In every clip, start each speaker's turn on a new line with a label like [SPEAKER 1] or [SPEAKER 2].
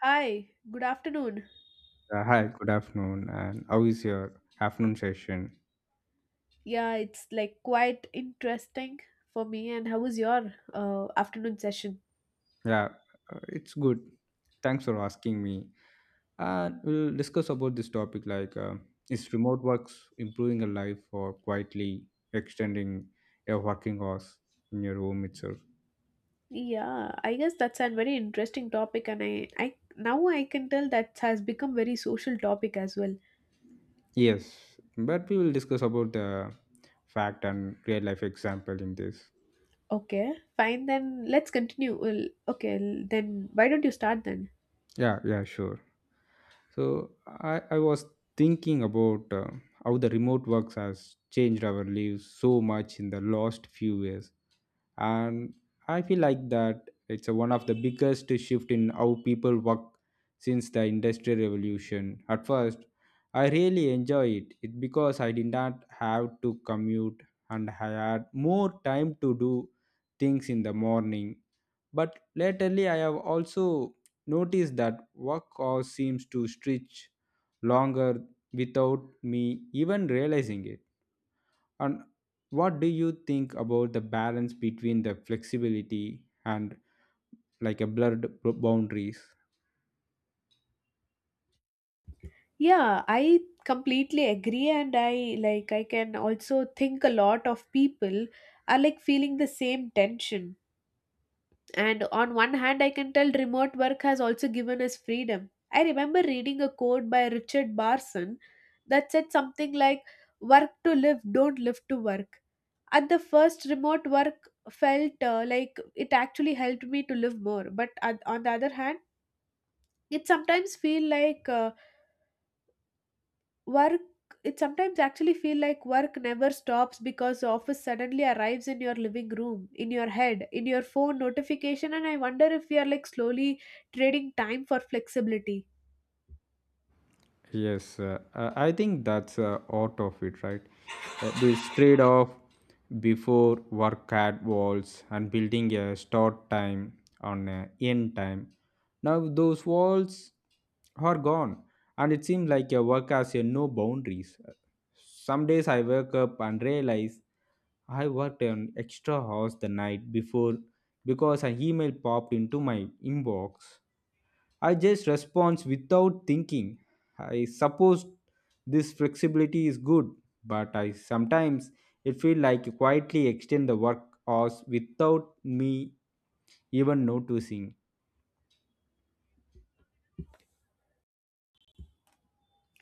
[SPEAKER 1] Hi, good afternoon.
[SPEAKER 2] Hi, good afternoon. And how is your afternoon session?
[SPEAKER 1] Yeah, it's like quite interesting for me. And how was your afternoon session?
[SPEAKER 2] Yeah, it's good. Thanks for asking me. And we'll discuss about this topic like is remote works improving a life or quietly extending your working hours in your home itself?
[SPEAKER 1] Yeah, I guess that's a very interesting topic, and I now I can tell that has become very social topic as well.
[SPEAKER 2] Yes, but we will discuss about the fact and real life example in this.
[SPEAKER 1] Okay, fine then. Let's continue. Well, okay, then why don't you start then?
[SPEAKER 2] Yeah, sure. So I was thinking about how the remote works has changed our lives so much in the last few years, and I feel like that it's a, one of the biggest shift in how people work since the industrial revolution. At first, I really enjoy it because I did not have to commute and I had more time to do things in the morning, but lately, I have also noticed that work hours seems to stretch longer without me even realizing it. And what do you think about the balance between the flexibility and like a blurred boundaries?
[SPEAKER 1] Yeah, I completely agree, and I like I can also think a lot of people are like feeling the same tension. And on one hand, I can tell remote work has also given us freedom. I remember reading a quote by Richard Barson that said something like, "Work to live, don't live to work." At the first, remote work felt like it actually helped me to live more. But on the other hand, it sometimes feel like work it sometimes actually feel like work never stops because the office suddenly arrives in your living room, in your head, in your phone notification. And I wonder if we are like slowly trading time for flexibility.
[SPEAKER 2] Yes, I think that's out of it, right? This trade off before work at walls and building a start time on a end time. Now those walls are gone, and it seems like your work has no boundaries. Some days I wake up and realize I worked an extra hours the night before because an email popped into my inbox I just respond without thinking. I suppose this flexibility is good, but I sometimes it feels like you quietly extend the work hours without me even noticing.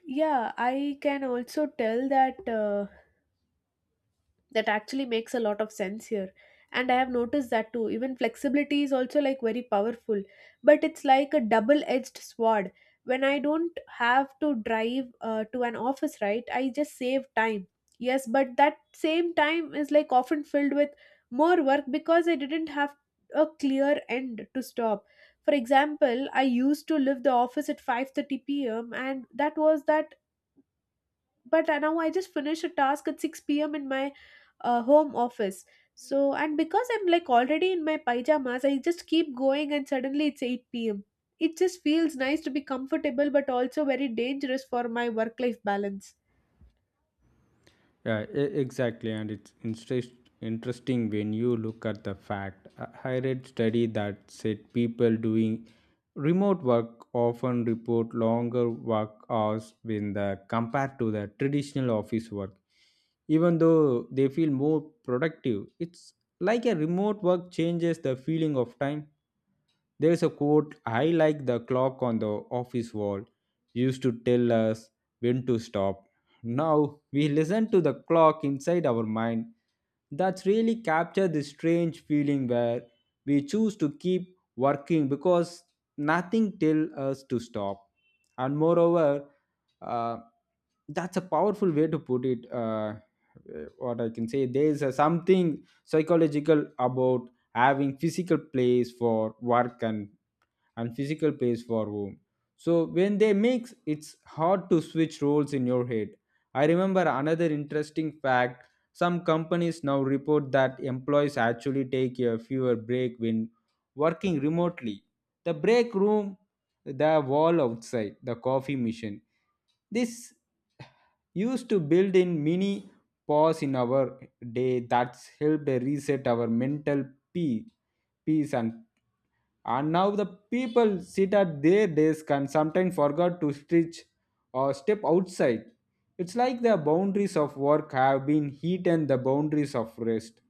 [SPEAKER 1] Yeah, I can also tell that that actually makes a lot of sense here, and I have noticed that too. Even flexibility is also like very powerful, but it's like a double edged sword. When I don't have to drive to an office, right, I just save time. Yes, but that same time is like often filled with more work because I didn't have a clear end to stop. For example, I used to leave the office at 5:30 p.m. and that was that. But now I just finished a task at 6 p.m. in my home office. So, and because I'm like already in my pajamas, I just keep going and suddenly it's 8 p.m. It just feels nice to be comfortable but also very dangerous for my work life balance.
[SPEAKER 2] Yeah, exactly. And interesting when you look at the fact. I read study that said people doing remote work often report longer work hours when the compared to the traditional office work. Even though they feel more productive, it's like a remote work changes the feeling of time. There is a quote I like the clock on the office wall used to tell us when to stop. Now we listen to the clock inside our mind. That's really captured this strange feeling where we choose to keep working because nothing tells us to stop. And moreover, uh, that's a powerful way to put it. What I can say, there is a something psychological about having physical place for work and physical pace for home. So when they mix, it's hard to switch roles in your head. I remember another interesting fact. Some companies now report that employees actually take a fewer break when working remotely. The break room, the wall outside, the coffee machine. This used to build in mini pause in our day that's helped reset our mental pe- peace, and now the people sit at their desk and sometimes forgot to stretch or step outside. It's like the boundaries of work have been hit and the boundaries of rest.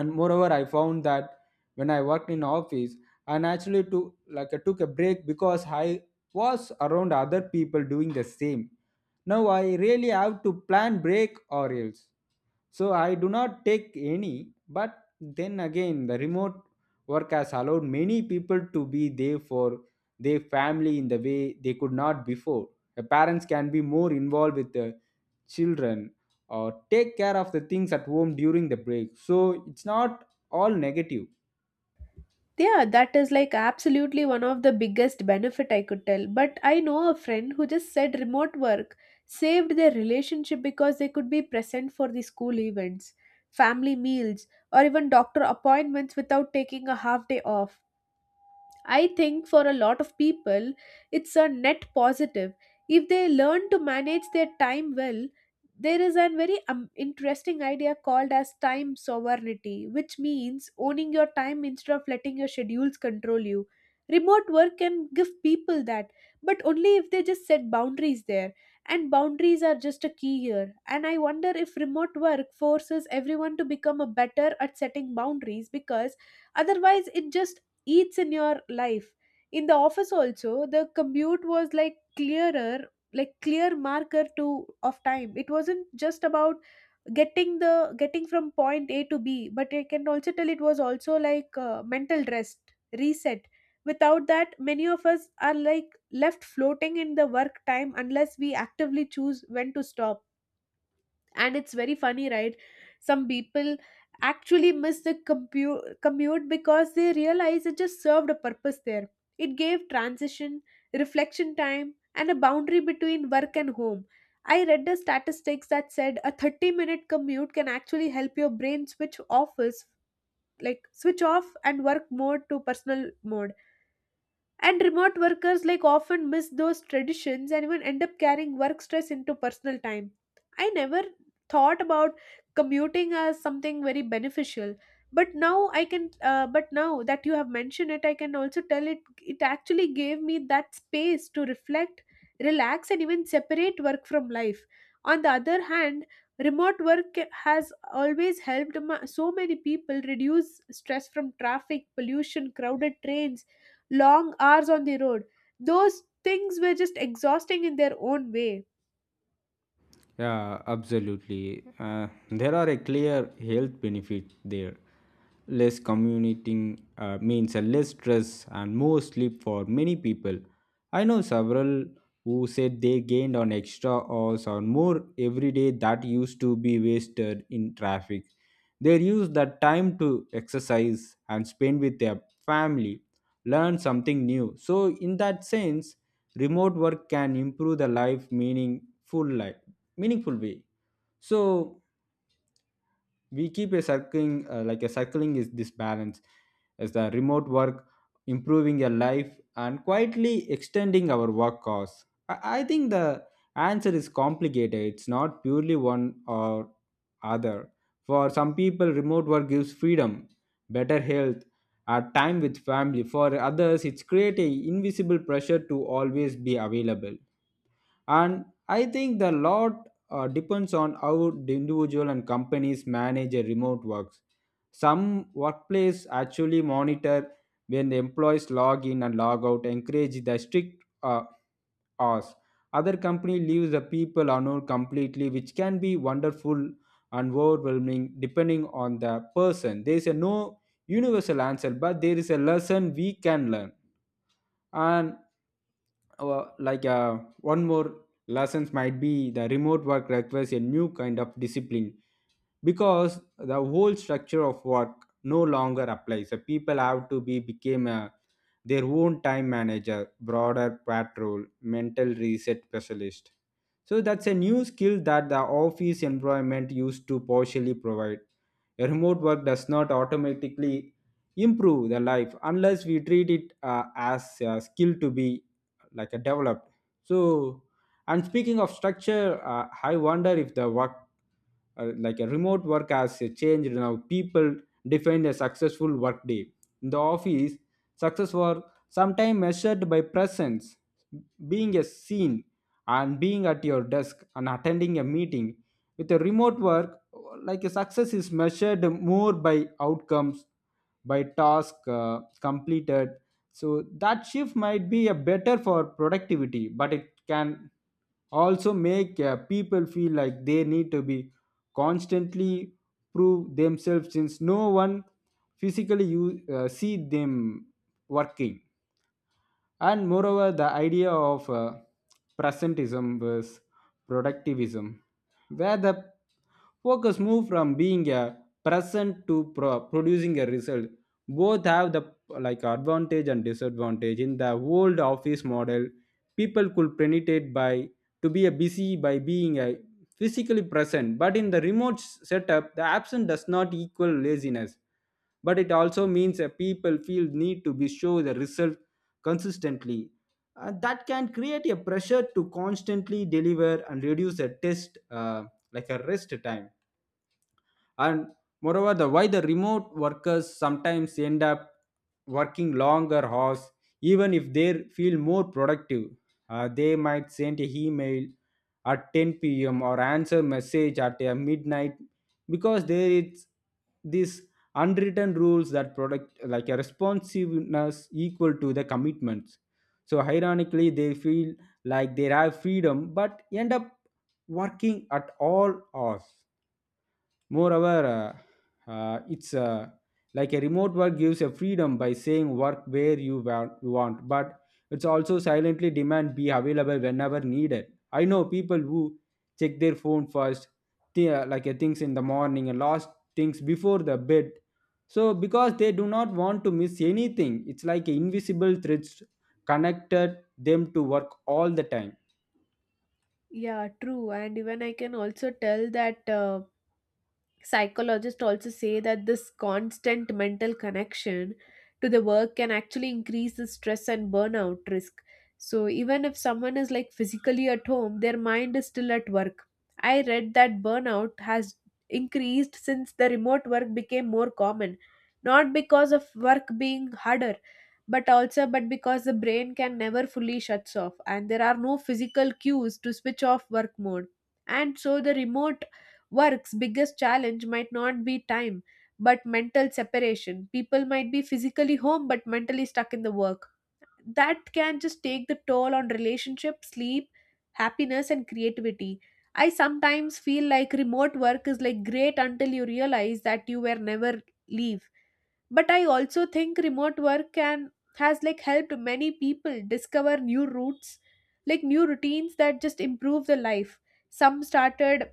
[SPEAKER 2] And moreover, I found that when I worked in office I naturally took like I took a break because I was around other people doing the same. Now I really have to plan break or else, so I do not take any, but then again, the remote work has allowed many people to be there for their family in the way they could not before. The parents can be more involved with the children or take care of the things at home during the break. So it's not all negative.
[SPEAKER 1] Yeah, that is like absolutely one of the biggest benefit I could tell. But I know a friend who just said remote work saved their relationship because they could be present for the school events, family meals, or even doctor appointments without taking a half day off. I think for a lot of people, it's a net positive. If they learn to manage their time well, there is a very interesting idea called as time sovereignty, which means owning your time instead of letting your schedules control you. Remote work can give people that, but only if they just set boundaries there. And boundaries are just a key here. And I wonder if remote work forces everyone to become a better at setting boundaries because otherwise it just eats in your life. In the office also, the commute was like clearer, like clear marker to of time. It wasn't just about getting from point a to b, but I can also tell it was also like mental rest reset. Without that, many of us are like left floating in the work time unless we actively choose when to stop. And it's very funny, right? Some people actually miss the commute because they realize it just served a purpose there. It gave transition, reflection time, and a boundary between work and home. I read the statistics that said a 30-minute commute can actually help your brain switch office, like switch off and work mode to personal mode. And remote workers like often miss those traditions and even end up carrying work stress into personal time. I never thought about commuting as something very beneficial, but now I can. But now that you have mentioned it, I can also tell it. It actually gave me that space to reflect, relax, and even separate work from life. On the other hand, remote work has always helped so many people reduce stress from traffic, pollution, crowded trains, long hours on the road. Those things were just exhausting in their own way.
[SPEAKER 2] Yeah, absolutely. There are a clear health benefit there. Less commuting means a less stress and more sleep for many people. I know several who said they gained on extra hours or more every day that used to be wasted in traffic. They use that time to exercise and spend with their family, learn something new. So, in that sense, remote work can improve the life meaningful way. So we keep a circling is this balance as the remote work improving your life and quietly extending our work hours. I think the answer is complicated. It's not purely one or other. For some people remote work gives freedom, better health or time with family. For others it's create a invisible pressure to always be available, and I think the lot depends on how the individual and companies manage a remote works. Some workplace actually monitor when the employees log in and log out, encourage the strict hours. Other company leaves the people unknown completely, which can be wonderful and overwhelming depending on the person. There is a no universal answer, but there is a lesson we can learn. And one more lessons might be the remote work requires a new kind of discipline because the whole structure of work no longer applies. So people have to be became a, their own time manager broader patrol mental reset specialist, so that's a new skill that the office environment used to partially provide. A remote work does not automatically improve the life unless we treat it as a skill to be like a developed. So, and speaking of structure, I wonder if the work like a remote work has changed now people define a successful work day. In the office success was sometimes measured by presence, being a seen and being at your desk and attending a meeting. With a remote work, like a success is measured more by outcomes, by task completed. So that shift might be a better for productivity, but it can also make people feel like they need to be constantly prove themselves since no one physically you see them working. And moreover, the idea of presentism versus productivism, where the focus move from being a present to producing a result, both have the like advantage and disadvantage. In the old office model, people could penetrate by to be a busy by being a physically present. But in the remote setup, the absent does not equal laziness, but it also means that people feel need to be show the result consistently. Uh, that can create a pressure to constantly deliver and reduce a test like a rest time. And moreover the why the remote workers sometimes end up working longer hours even if they feel more productive. They might send a email at 10 p.m or answer message at midnight because there is this unwritten rules that product like a responsiveness equal to the commitments. So ironically they feel like they have freedom but end up working at all hours. Moreover, it's like a remote work gives a freedom by saying work where you want, but it's also silently demand be available whenever needed. I know people who check their phone first, things in the morning and last things before the bed. So because they do not want to miss anything, it's like invisible threads connected them to work all the time.
[SPEAKER 1] Yeah, true. And even I can also tell that psychologists also say that this constant mental connection to the work can actually increase the stress and burnout risk. So even if someone is like physically at home, their mind is still at work. I read that burnout has increased since the remote work became more common, not because of work being harder, but because the brain can never fully shuts off and there are no physical cues to switch off work mode. And so the remote work's biggest challenge might not be time, but mental separation. People might be physically home but mentally stuck in the work. That can just take the toll on relationships, sleep, happiness, and creativity. I sometimes feel like remote work is like great until you realize that you were never leave. But I also think remote work can has like helped many people discover new routes, like new routines that just improve the life. Some started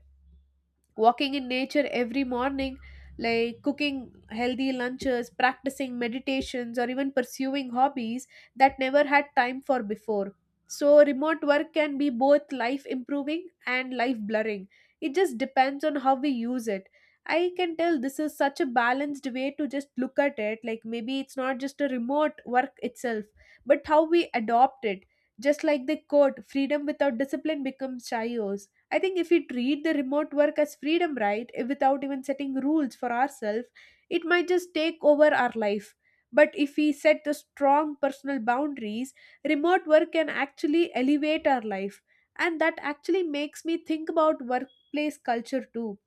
[SPEAKER 1] walking in nature every morning, like cooking healthy lunches, practicing meditations, or even pursuing hobbies that never had time for before. So remote work can be both life improving and life blurring. It just depends on how we use it. I can tell this is such a balanced way to just look at it, like maybe it's not just a remote work itself but how we adopt it. Just like the quote, "freedom without discipline becomes chaos." I think if we treat the remote work as freedom, right, without even setting rules for ourselves, it might just take over our life. But if we set the strong personal boundaries, remote work can actually elevate our life. And that actually makes me think about workplace culture too.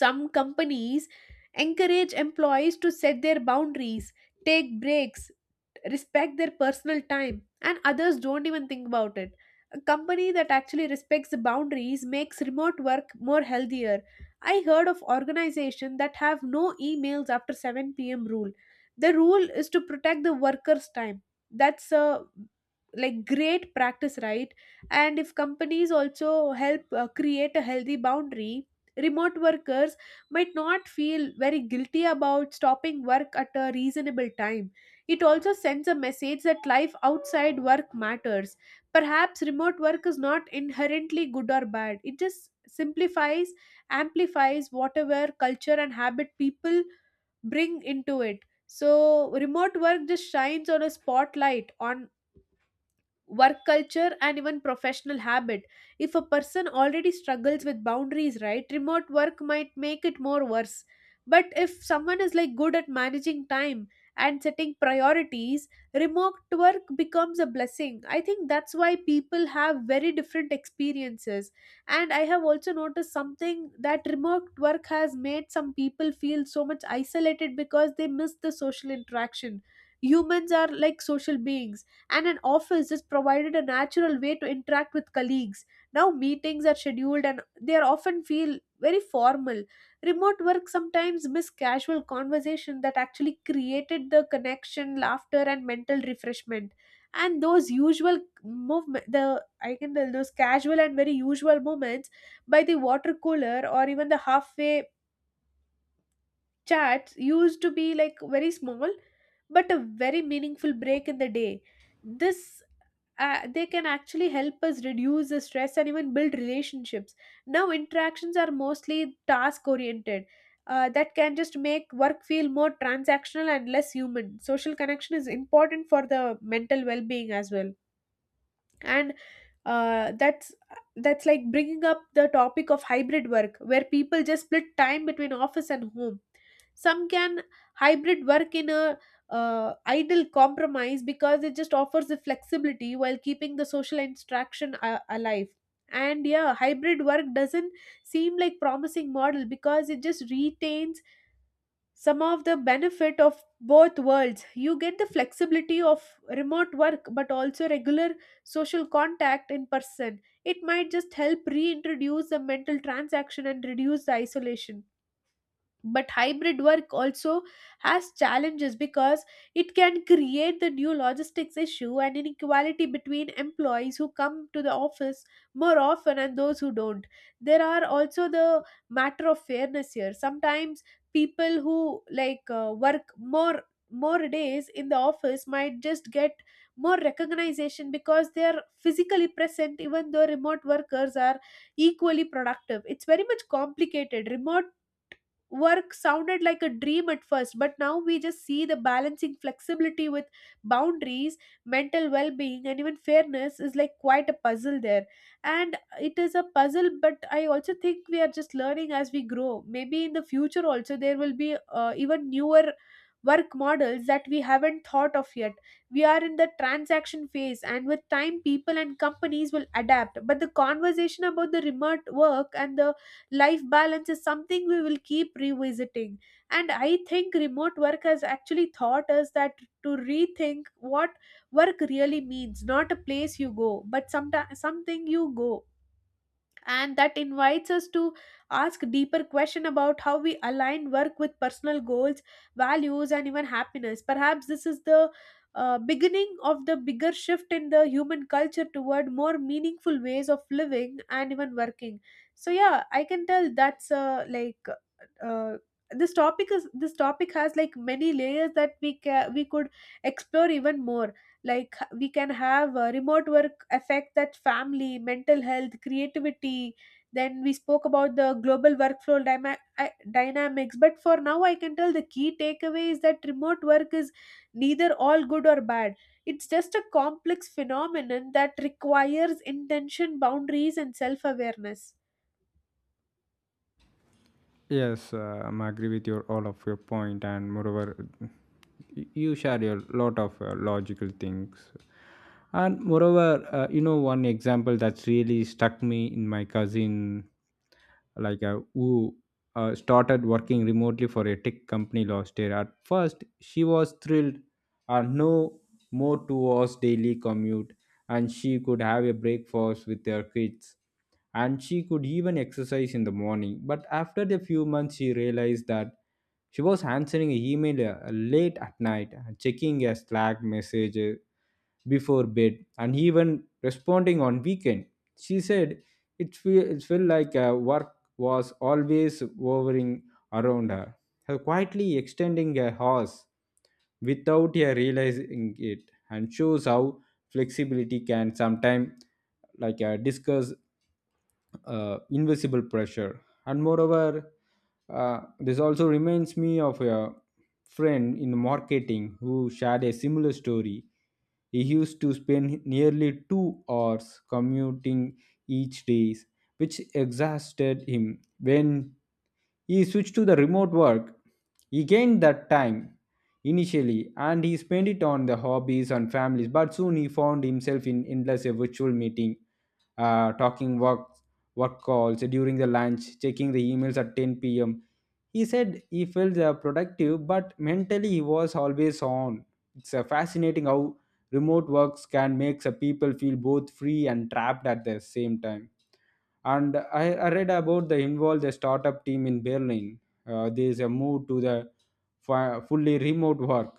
[SPEAKER 1] Some companies encourage employees to set their boundaries, take breaks, respect their personal time, and others don't even think about it. A company that actually respects the boundaries makes remote work more healthier. I heard of organizations that have no emails after 7 p.m. rule. The rule is to protect the workers' time. That's a like great practice, right? And if companies also help create a healthy boundary, remote workers might not feel very guilty about stopping work at a reasonable time. It also sends a message that life outside work matters. Perhaps remote work is not inherently good or bad, it just simplifies, amplifies whatever culture and habit people bring into it. So, remote work just shines on a spotlight on work culture and even professional habit. If a person already struggles with boundaries, right, remote work might make it more worse. But if someone is like good at managing time and setting priorities, remote work becomes a blessing. I think that's why people have very different experiences. And I have also noticed something that remote work has made some people feel so much isolated because they miss the social interaction. Humans are like social beings, and an office just provided a natural way to interact with colleagues. Now meetings are scheduled and they are often feel very formal. Remote work sometimes miss casual conversation that actually created the connection, laughter, and mental refreshment. And those usual movement, the I can tell those casual and very usual moments by the water cooler or even the halfway chats used to be like very small but a very meaningful break in the day. This They can actually help us reduce the stress and even build relationships. Now interactions are mostly task oriented. That can just make work feel more transactional and less human. Social connection is important for the mental well-being as well. And uh, that's that's like bringing up the topic of hybrid work where people just split time between office and home. Some can hybrid work in a ideal compromise because it just offers the flexibility while keeping the social interaction alive. And yeah, hybrid work doesn't seem like promising model because it just retains some of the benefit of both worlds. You get the flexibility of remote work but also regular social contact in person. It might just help reintroduce the mental transaction and reduce the isolation. But hybrid work also has challenges because it can create the new logistics issue and inequality between employees who come to the office more often and those who don't. There are also the matter of fairness here. Sometimes people who like work more more days in the office might just get more recognition because they are physically present even though remote workers are equally productive. It's very much complicated. Remote work sounded like a dream at first, but now we just see the balancing flexibility with boundaries, mental well being, and even fairness is like quite a puzzle there. And it is a puzzle, but I also think we are just learning as we grow. Maybe in the future, also, there will be even newer work models that we haven't thought of yet. We are in the transaction phase, and with time, people and companies will adapt. But the conversation about the remote work and the life balance is something we will keep revisiting. And I think remote work has actually taught us that to rethink what work really means, not a place you go but sometimes something you go. And that invites us to ask deeper question about how we align work with personal goals, values, and even happiness. Perhaps this is the beginning of the bigger shift in the human culture toward more meaningful ways of living and even working. So yeah, I can tell that's uh, this topic has like many layers that we could explore even more. Like we can have remote work affect that family, mental health, creativity. Then we spoke about the global workflow dyma- I- dynamics. But for now, I can tell the key takeaway is that remote work is neither all good or bad. It's just a complex phenomenon that requires intention, boundaries, and self-awareness.
[SPEAKER 2] Yes, I'm agree with your all of your point, and moreover, you share your lot of logical things, and moreover, you know one example that's really struck me in my cousin, who started working remotely for a tech company last year. At first, she was thrilled, no more 2 hours daily commute, and she could have a breakfast with her kids and she could even exercise in the morning. But after a few months, she realized that she was answering an email late at night, checking a Slack message before bed, and even responding on weekend. She said it felt like work was always hovering around her, her quietly extending her horse without her realizing it, and shows how flexibility can sometimes discuss invisible pressure. And moreover this also reminds me of a friend in marketing who shared a similar story. He used to spend nearly 2 hours commuting each day which exhausted him. When he switched to the remote work he gained that time initially and he spent it on the hobbies and families, but soon he found himself in endless a virtual meeting, talking work work calls during the lunch, checking the emails at 10 p.m. He said he felt productive, but mentally he was always on. It's fascinating how remote works can make people feel both free and trapped at the same time. And I read about the involved the startup team in Berlin. There is a move to the fully remote work,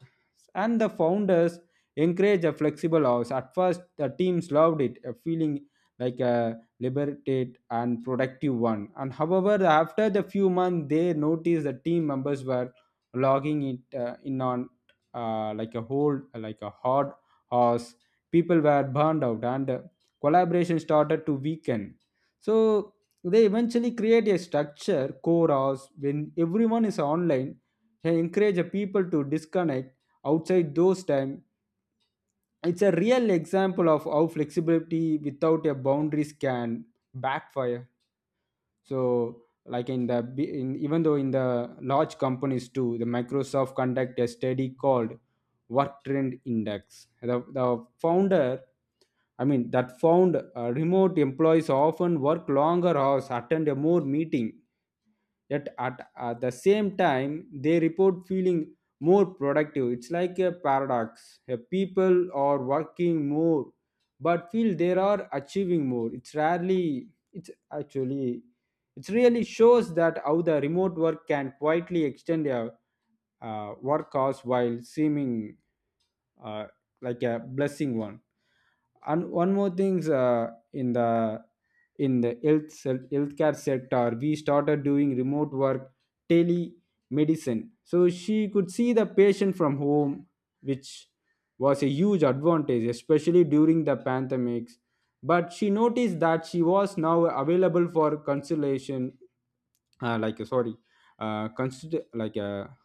[SPEAKER 2] and the founders encourage a flexible hours. At first, the teams loved it, a feeling like a liberate and productive one. And however, after the few months, they noticed the team members were logging it in on like a whole, like a hard horse. People were burned out, and collaboration started to weaken. So they eventually create a structure, core hours when everyone is online. They encourage the people to disconnect outside those time. It's a real example of how flexibility without a boundaries can backfire. So, like in the even though in the large companies too, the Microsoft conduct a study called Work Trend Index. The founder I mean, that found remote employees often work longer hours, attend a more meeting, yet at the same time they report feeling more productive. It's like a paradox. People are working more but feel they are achieving more. It's rarely it's actually It really shows that how the remote work can quietly extend their work hours while seeming uh, like a blessing one. And one more things, in the in the healthcare sector we started doing remote work, telemedicine, so she could see the patient from home, which was a huge advantage, especially during the pandemics. But she noticed that she was now available for consultation, like sorry consider like a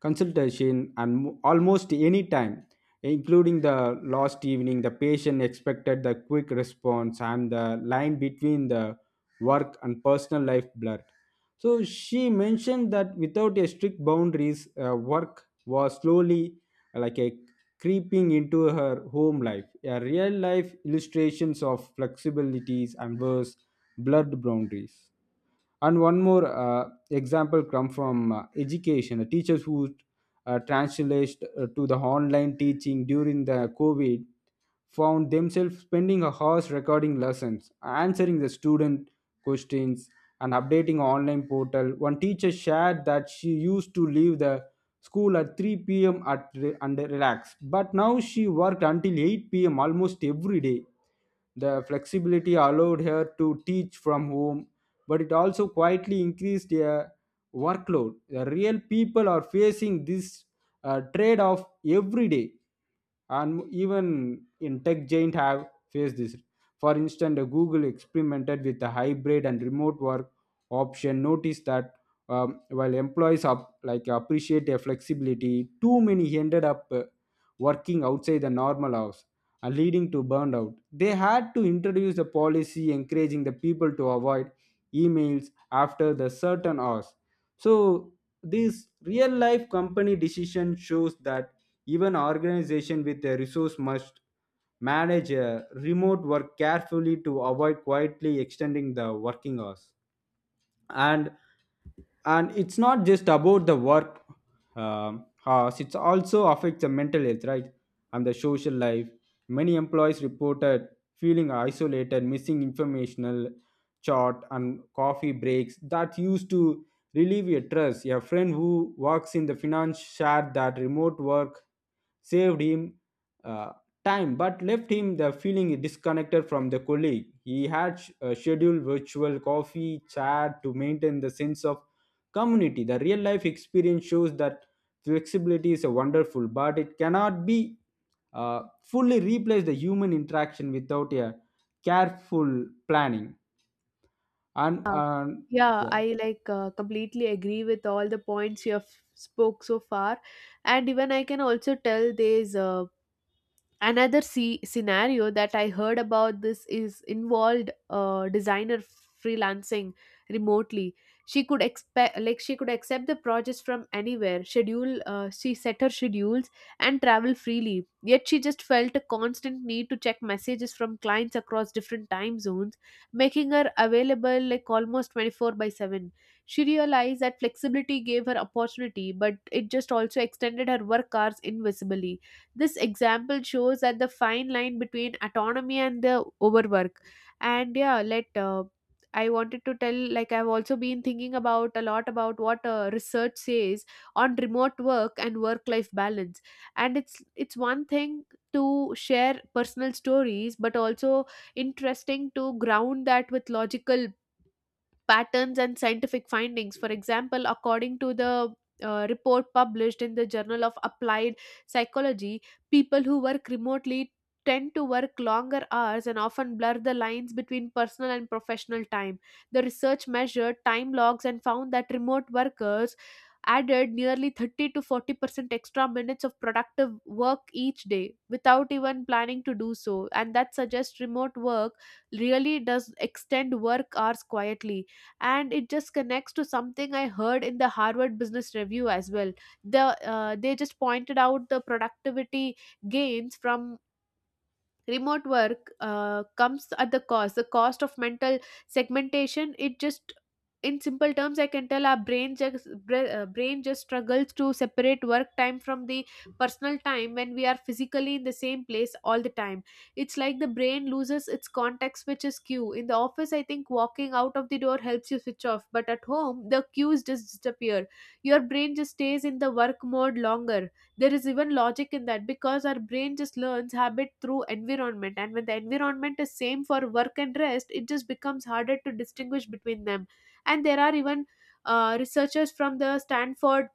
[SPEAKER 2] consultation almost any time, including the last evening. The patient expected the quick response and the line between the work and personal life blurred. So she mentioned that without a strict boundaries, work was slowly, like a creeping into her home life. A real life illustrations of flexibilities and verse blurred boundaries. And one more example come from education. The teachers who translated to the online teaching during the covid found themselves spending hours recording lessons, answering the student questions, and updating online portal. One teacher shared that she used to leave the school at 3 p.m and relax, but now she worked until 8 p.m almost every day. The flexibility allowed her to teach from home, but it also quietly increased their workload. The real people are facing this trade off every day. And even in tech giant have faced this. For instance, google experimented with a hybrid and remote work option, notice that while employees up like appreciate their flexibility, too many ended up working outside the normal hours and leading to burnout. They had to introduce a policy encouraging the people to avoid emails after the certain hours. So this real life company decision shows that even organization with a resource must manage remote work carefully to avoid quietly extending the working hours. And and it's not just about the work hours, it also affects the mental health, right, and the social life. Many employees reported feeling isolated, missing informational chat and coffee breaks that used to relieve your stress. A friend who works in the finance shared that remote work saved him uh, time but left him the feeling disconnected from the colleague. He had scheduled virtual coffee chat to maintain the sense of community. The real life experience shows that flexibility is a wonderful, but it cannot be fully replace the human interaction without a careful planning. And,
[SPEAKER 1] Yeah,
[SPEAKER 2] and
[SPEAKER 1] yeah,
[SPEAKER 2] yeah.
[SPEAKER 1] I like completely agree with all the points you have spoke so far. And even I can also tell there's scenario that I heard about. This is involved designer freelancing remotely. She could expect like she could accept the projects from anywhere, schedule she set her schedules and travel freely, yet she just felt a constant need to check messages from clients across different time zones, making her available like almost 24 by 7. She realized that flexibility gave her opportunity, but it just also extended her work hours invisibly. This example shows that the fine line between autonomy and the overwork. And yeah, let I wanted to tell, like, I've also been thinking about a lot about what research says on remote work and work life balance. And it's one thing to share personal stories, but also interesting to ground that with logical patterns and scientific findings. For example, according to the report published in the Journal of Applied Psychology, people who work remotely tend to work longer hours and often blur the lines between personal and professional time. The research measured time logs and found that remote workers added nearly 30 to 40% extra minutes of productive work each day without even planning to do so. And that suggests remote work really does extend work hours quietly. And it just connects to something I heard in the Harvard Business Review as well. the they just pointed out the productivity gains from remote work comes at the cost of mental segmentation. It just In simple terms, I can tell our brain just struggles to separate work time from the personal time when we are physically in the same place all the time. It's like the brain loses its context, which is cue in the office. I think walking out of the door helps you switch off, but at home the cues just disappear. Your brain just stays in the work mode longer. There is even logic in that, because our brain just learns habit through environment, and when the environment is same for work and rest, it just becomes harder to distinguish between them. And there are even researchers from the Stanford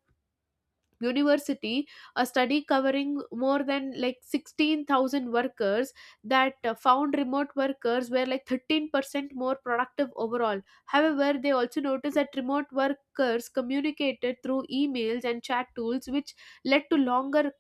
[SPEAKER 1] University, a study covering more than like 16,000 workers that found remote workers were like 13% more productive overall. However, they also noticed that remote workers communicated through emails and chat tools, which led to longer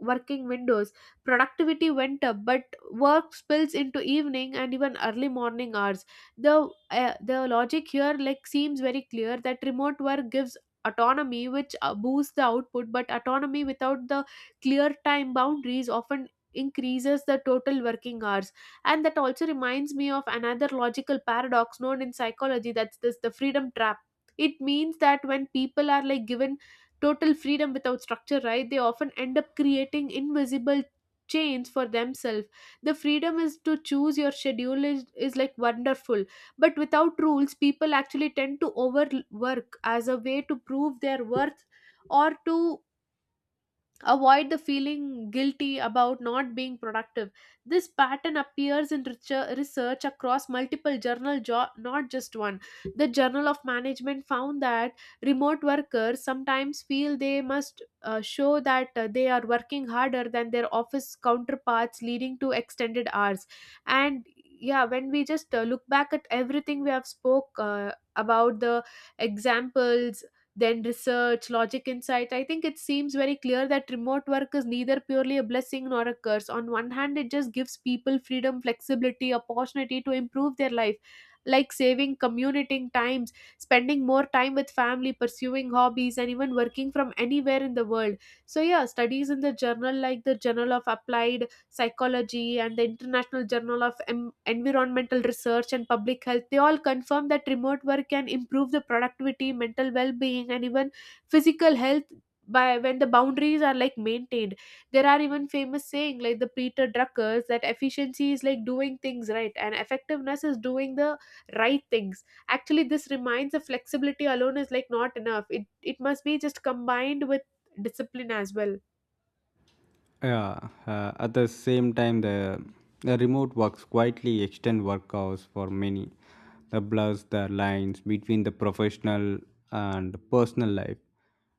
[SPEAKER 1] working windows. Productivity went up, but work spills into evening and even early morning hours. The logic here like seems very clear that remote work gives autonomy, which boosts the output. But autonomy without the clear time boundaries often increases the total working hours. And that also reminds me of another logical paradox known in psychology, that's this, the freedom trap. It means that when people are like given total freedom without structure, right, they often end up creating invisible chains for themselves. The freedom is to choose your schedule is like wonderful. But without rules, people actually tend to overwork as a way to prove their worth, or to avoid the feeling guilty about not being productive. This pattern appears in research across multiple not just one. The Journal of Management found that remote workers sometimes feel they must show that they are working harder than their office counterparts, leading to extended hours. And yeah, when we just look back at everything we have spoke about the examples, then research, logic, insight, I think it seems very clear that remote work is neither purely a blessing nor a curse. On one hand, it just gives people freedom, flexibility, opportunity to improve their life, like saving commuting times, spending more time with family, pursuing hobbies, and even working from anywhere in the world. So yeah, studies in the journal, like the Journal of Applied Psychology and the International Journal of Environmental Research and Public Health, they all confirm that remote work can improve the productivity, mental well-being, and even physical health by when the boundaries are like maintained. There are even famous saying like the Peter Druckers that efficiency is like doing things right and effectiveness is doing the right things. Actually this reminds the flexibility alone is like not enough, it must be just combined with discipline as well.
[SPEAKER 2] Yeah, at the same time, the remote works quietly extend work hours for many. The blurs the lines between the professional and personal life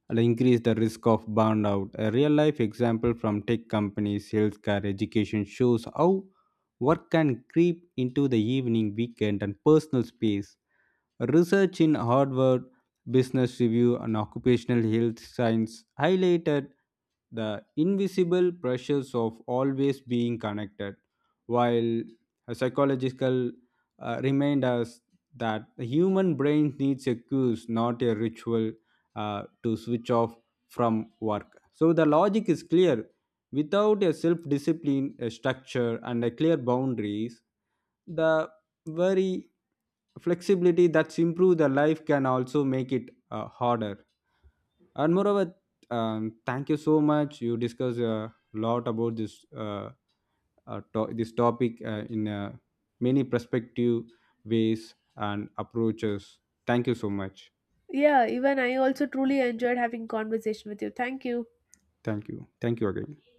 [SPEAKER 2] and increase the risk of burnout. A real life example from tech companies, healthcare, education shows how work can creep into the evening, weekend, and personal space. Research in Harvard Business Review and Occupational Health Science highlighted the invisible pressures of always being connected, while a psychological remind us that the human brain needs a cues, not a ritual, to switch off from work. So the logic is clear. Without a self-discipline, a structure, and a clear boundaries, the very flexibility that's improve the life can also make it harder. And moreover, thank you so much. You discuss a lot about this, this topic, in many perspective, ways and approaches. Thank you so much.
[SPEAKER 1] Yeah, even I also truly enjoyed having conversation with you. Thank you.
[SPEAKER 2] Thank you, thank you again.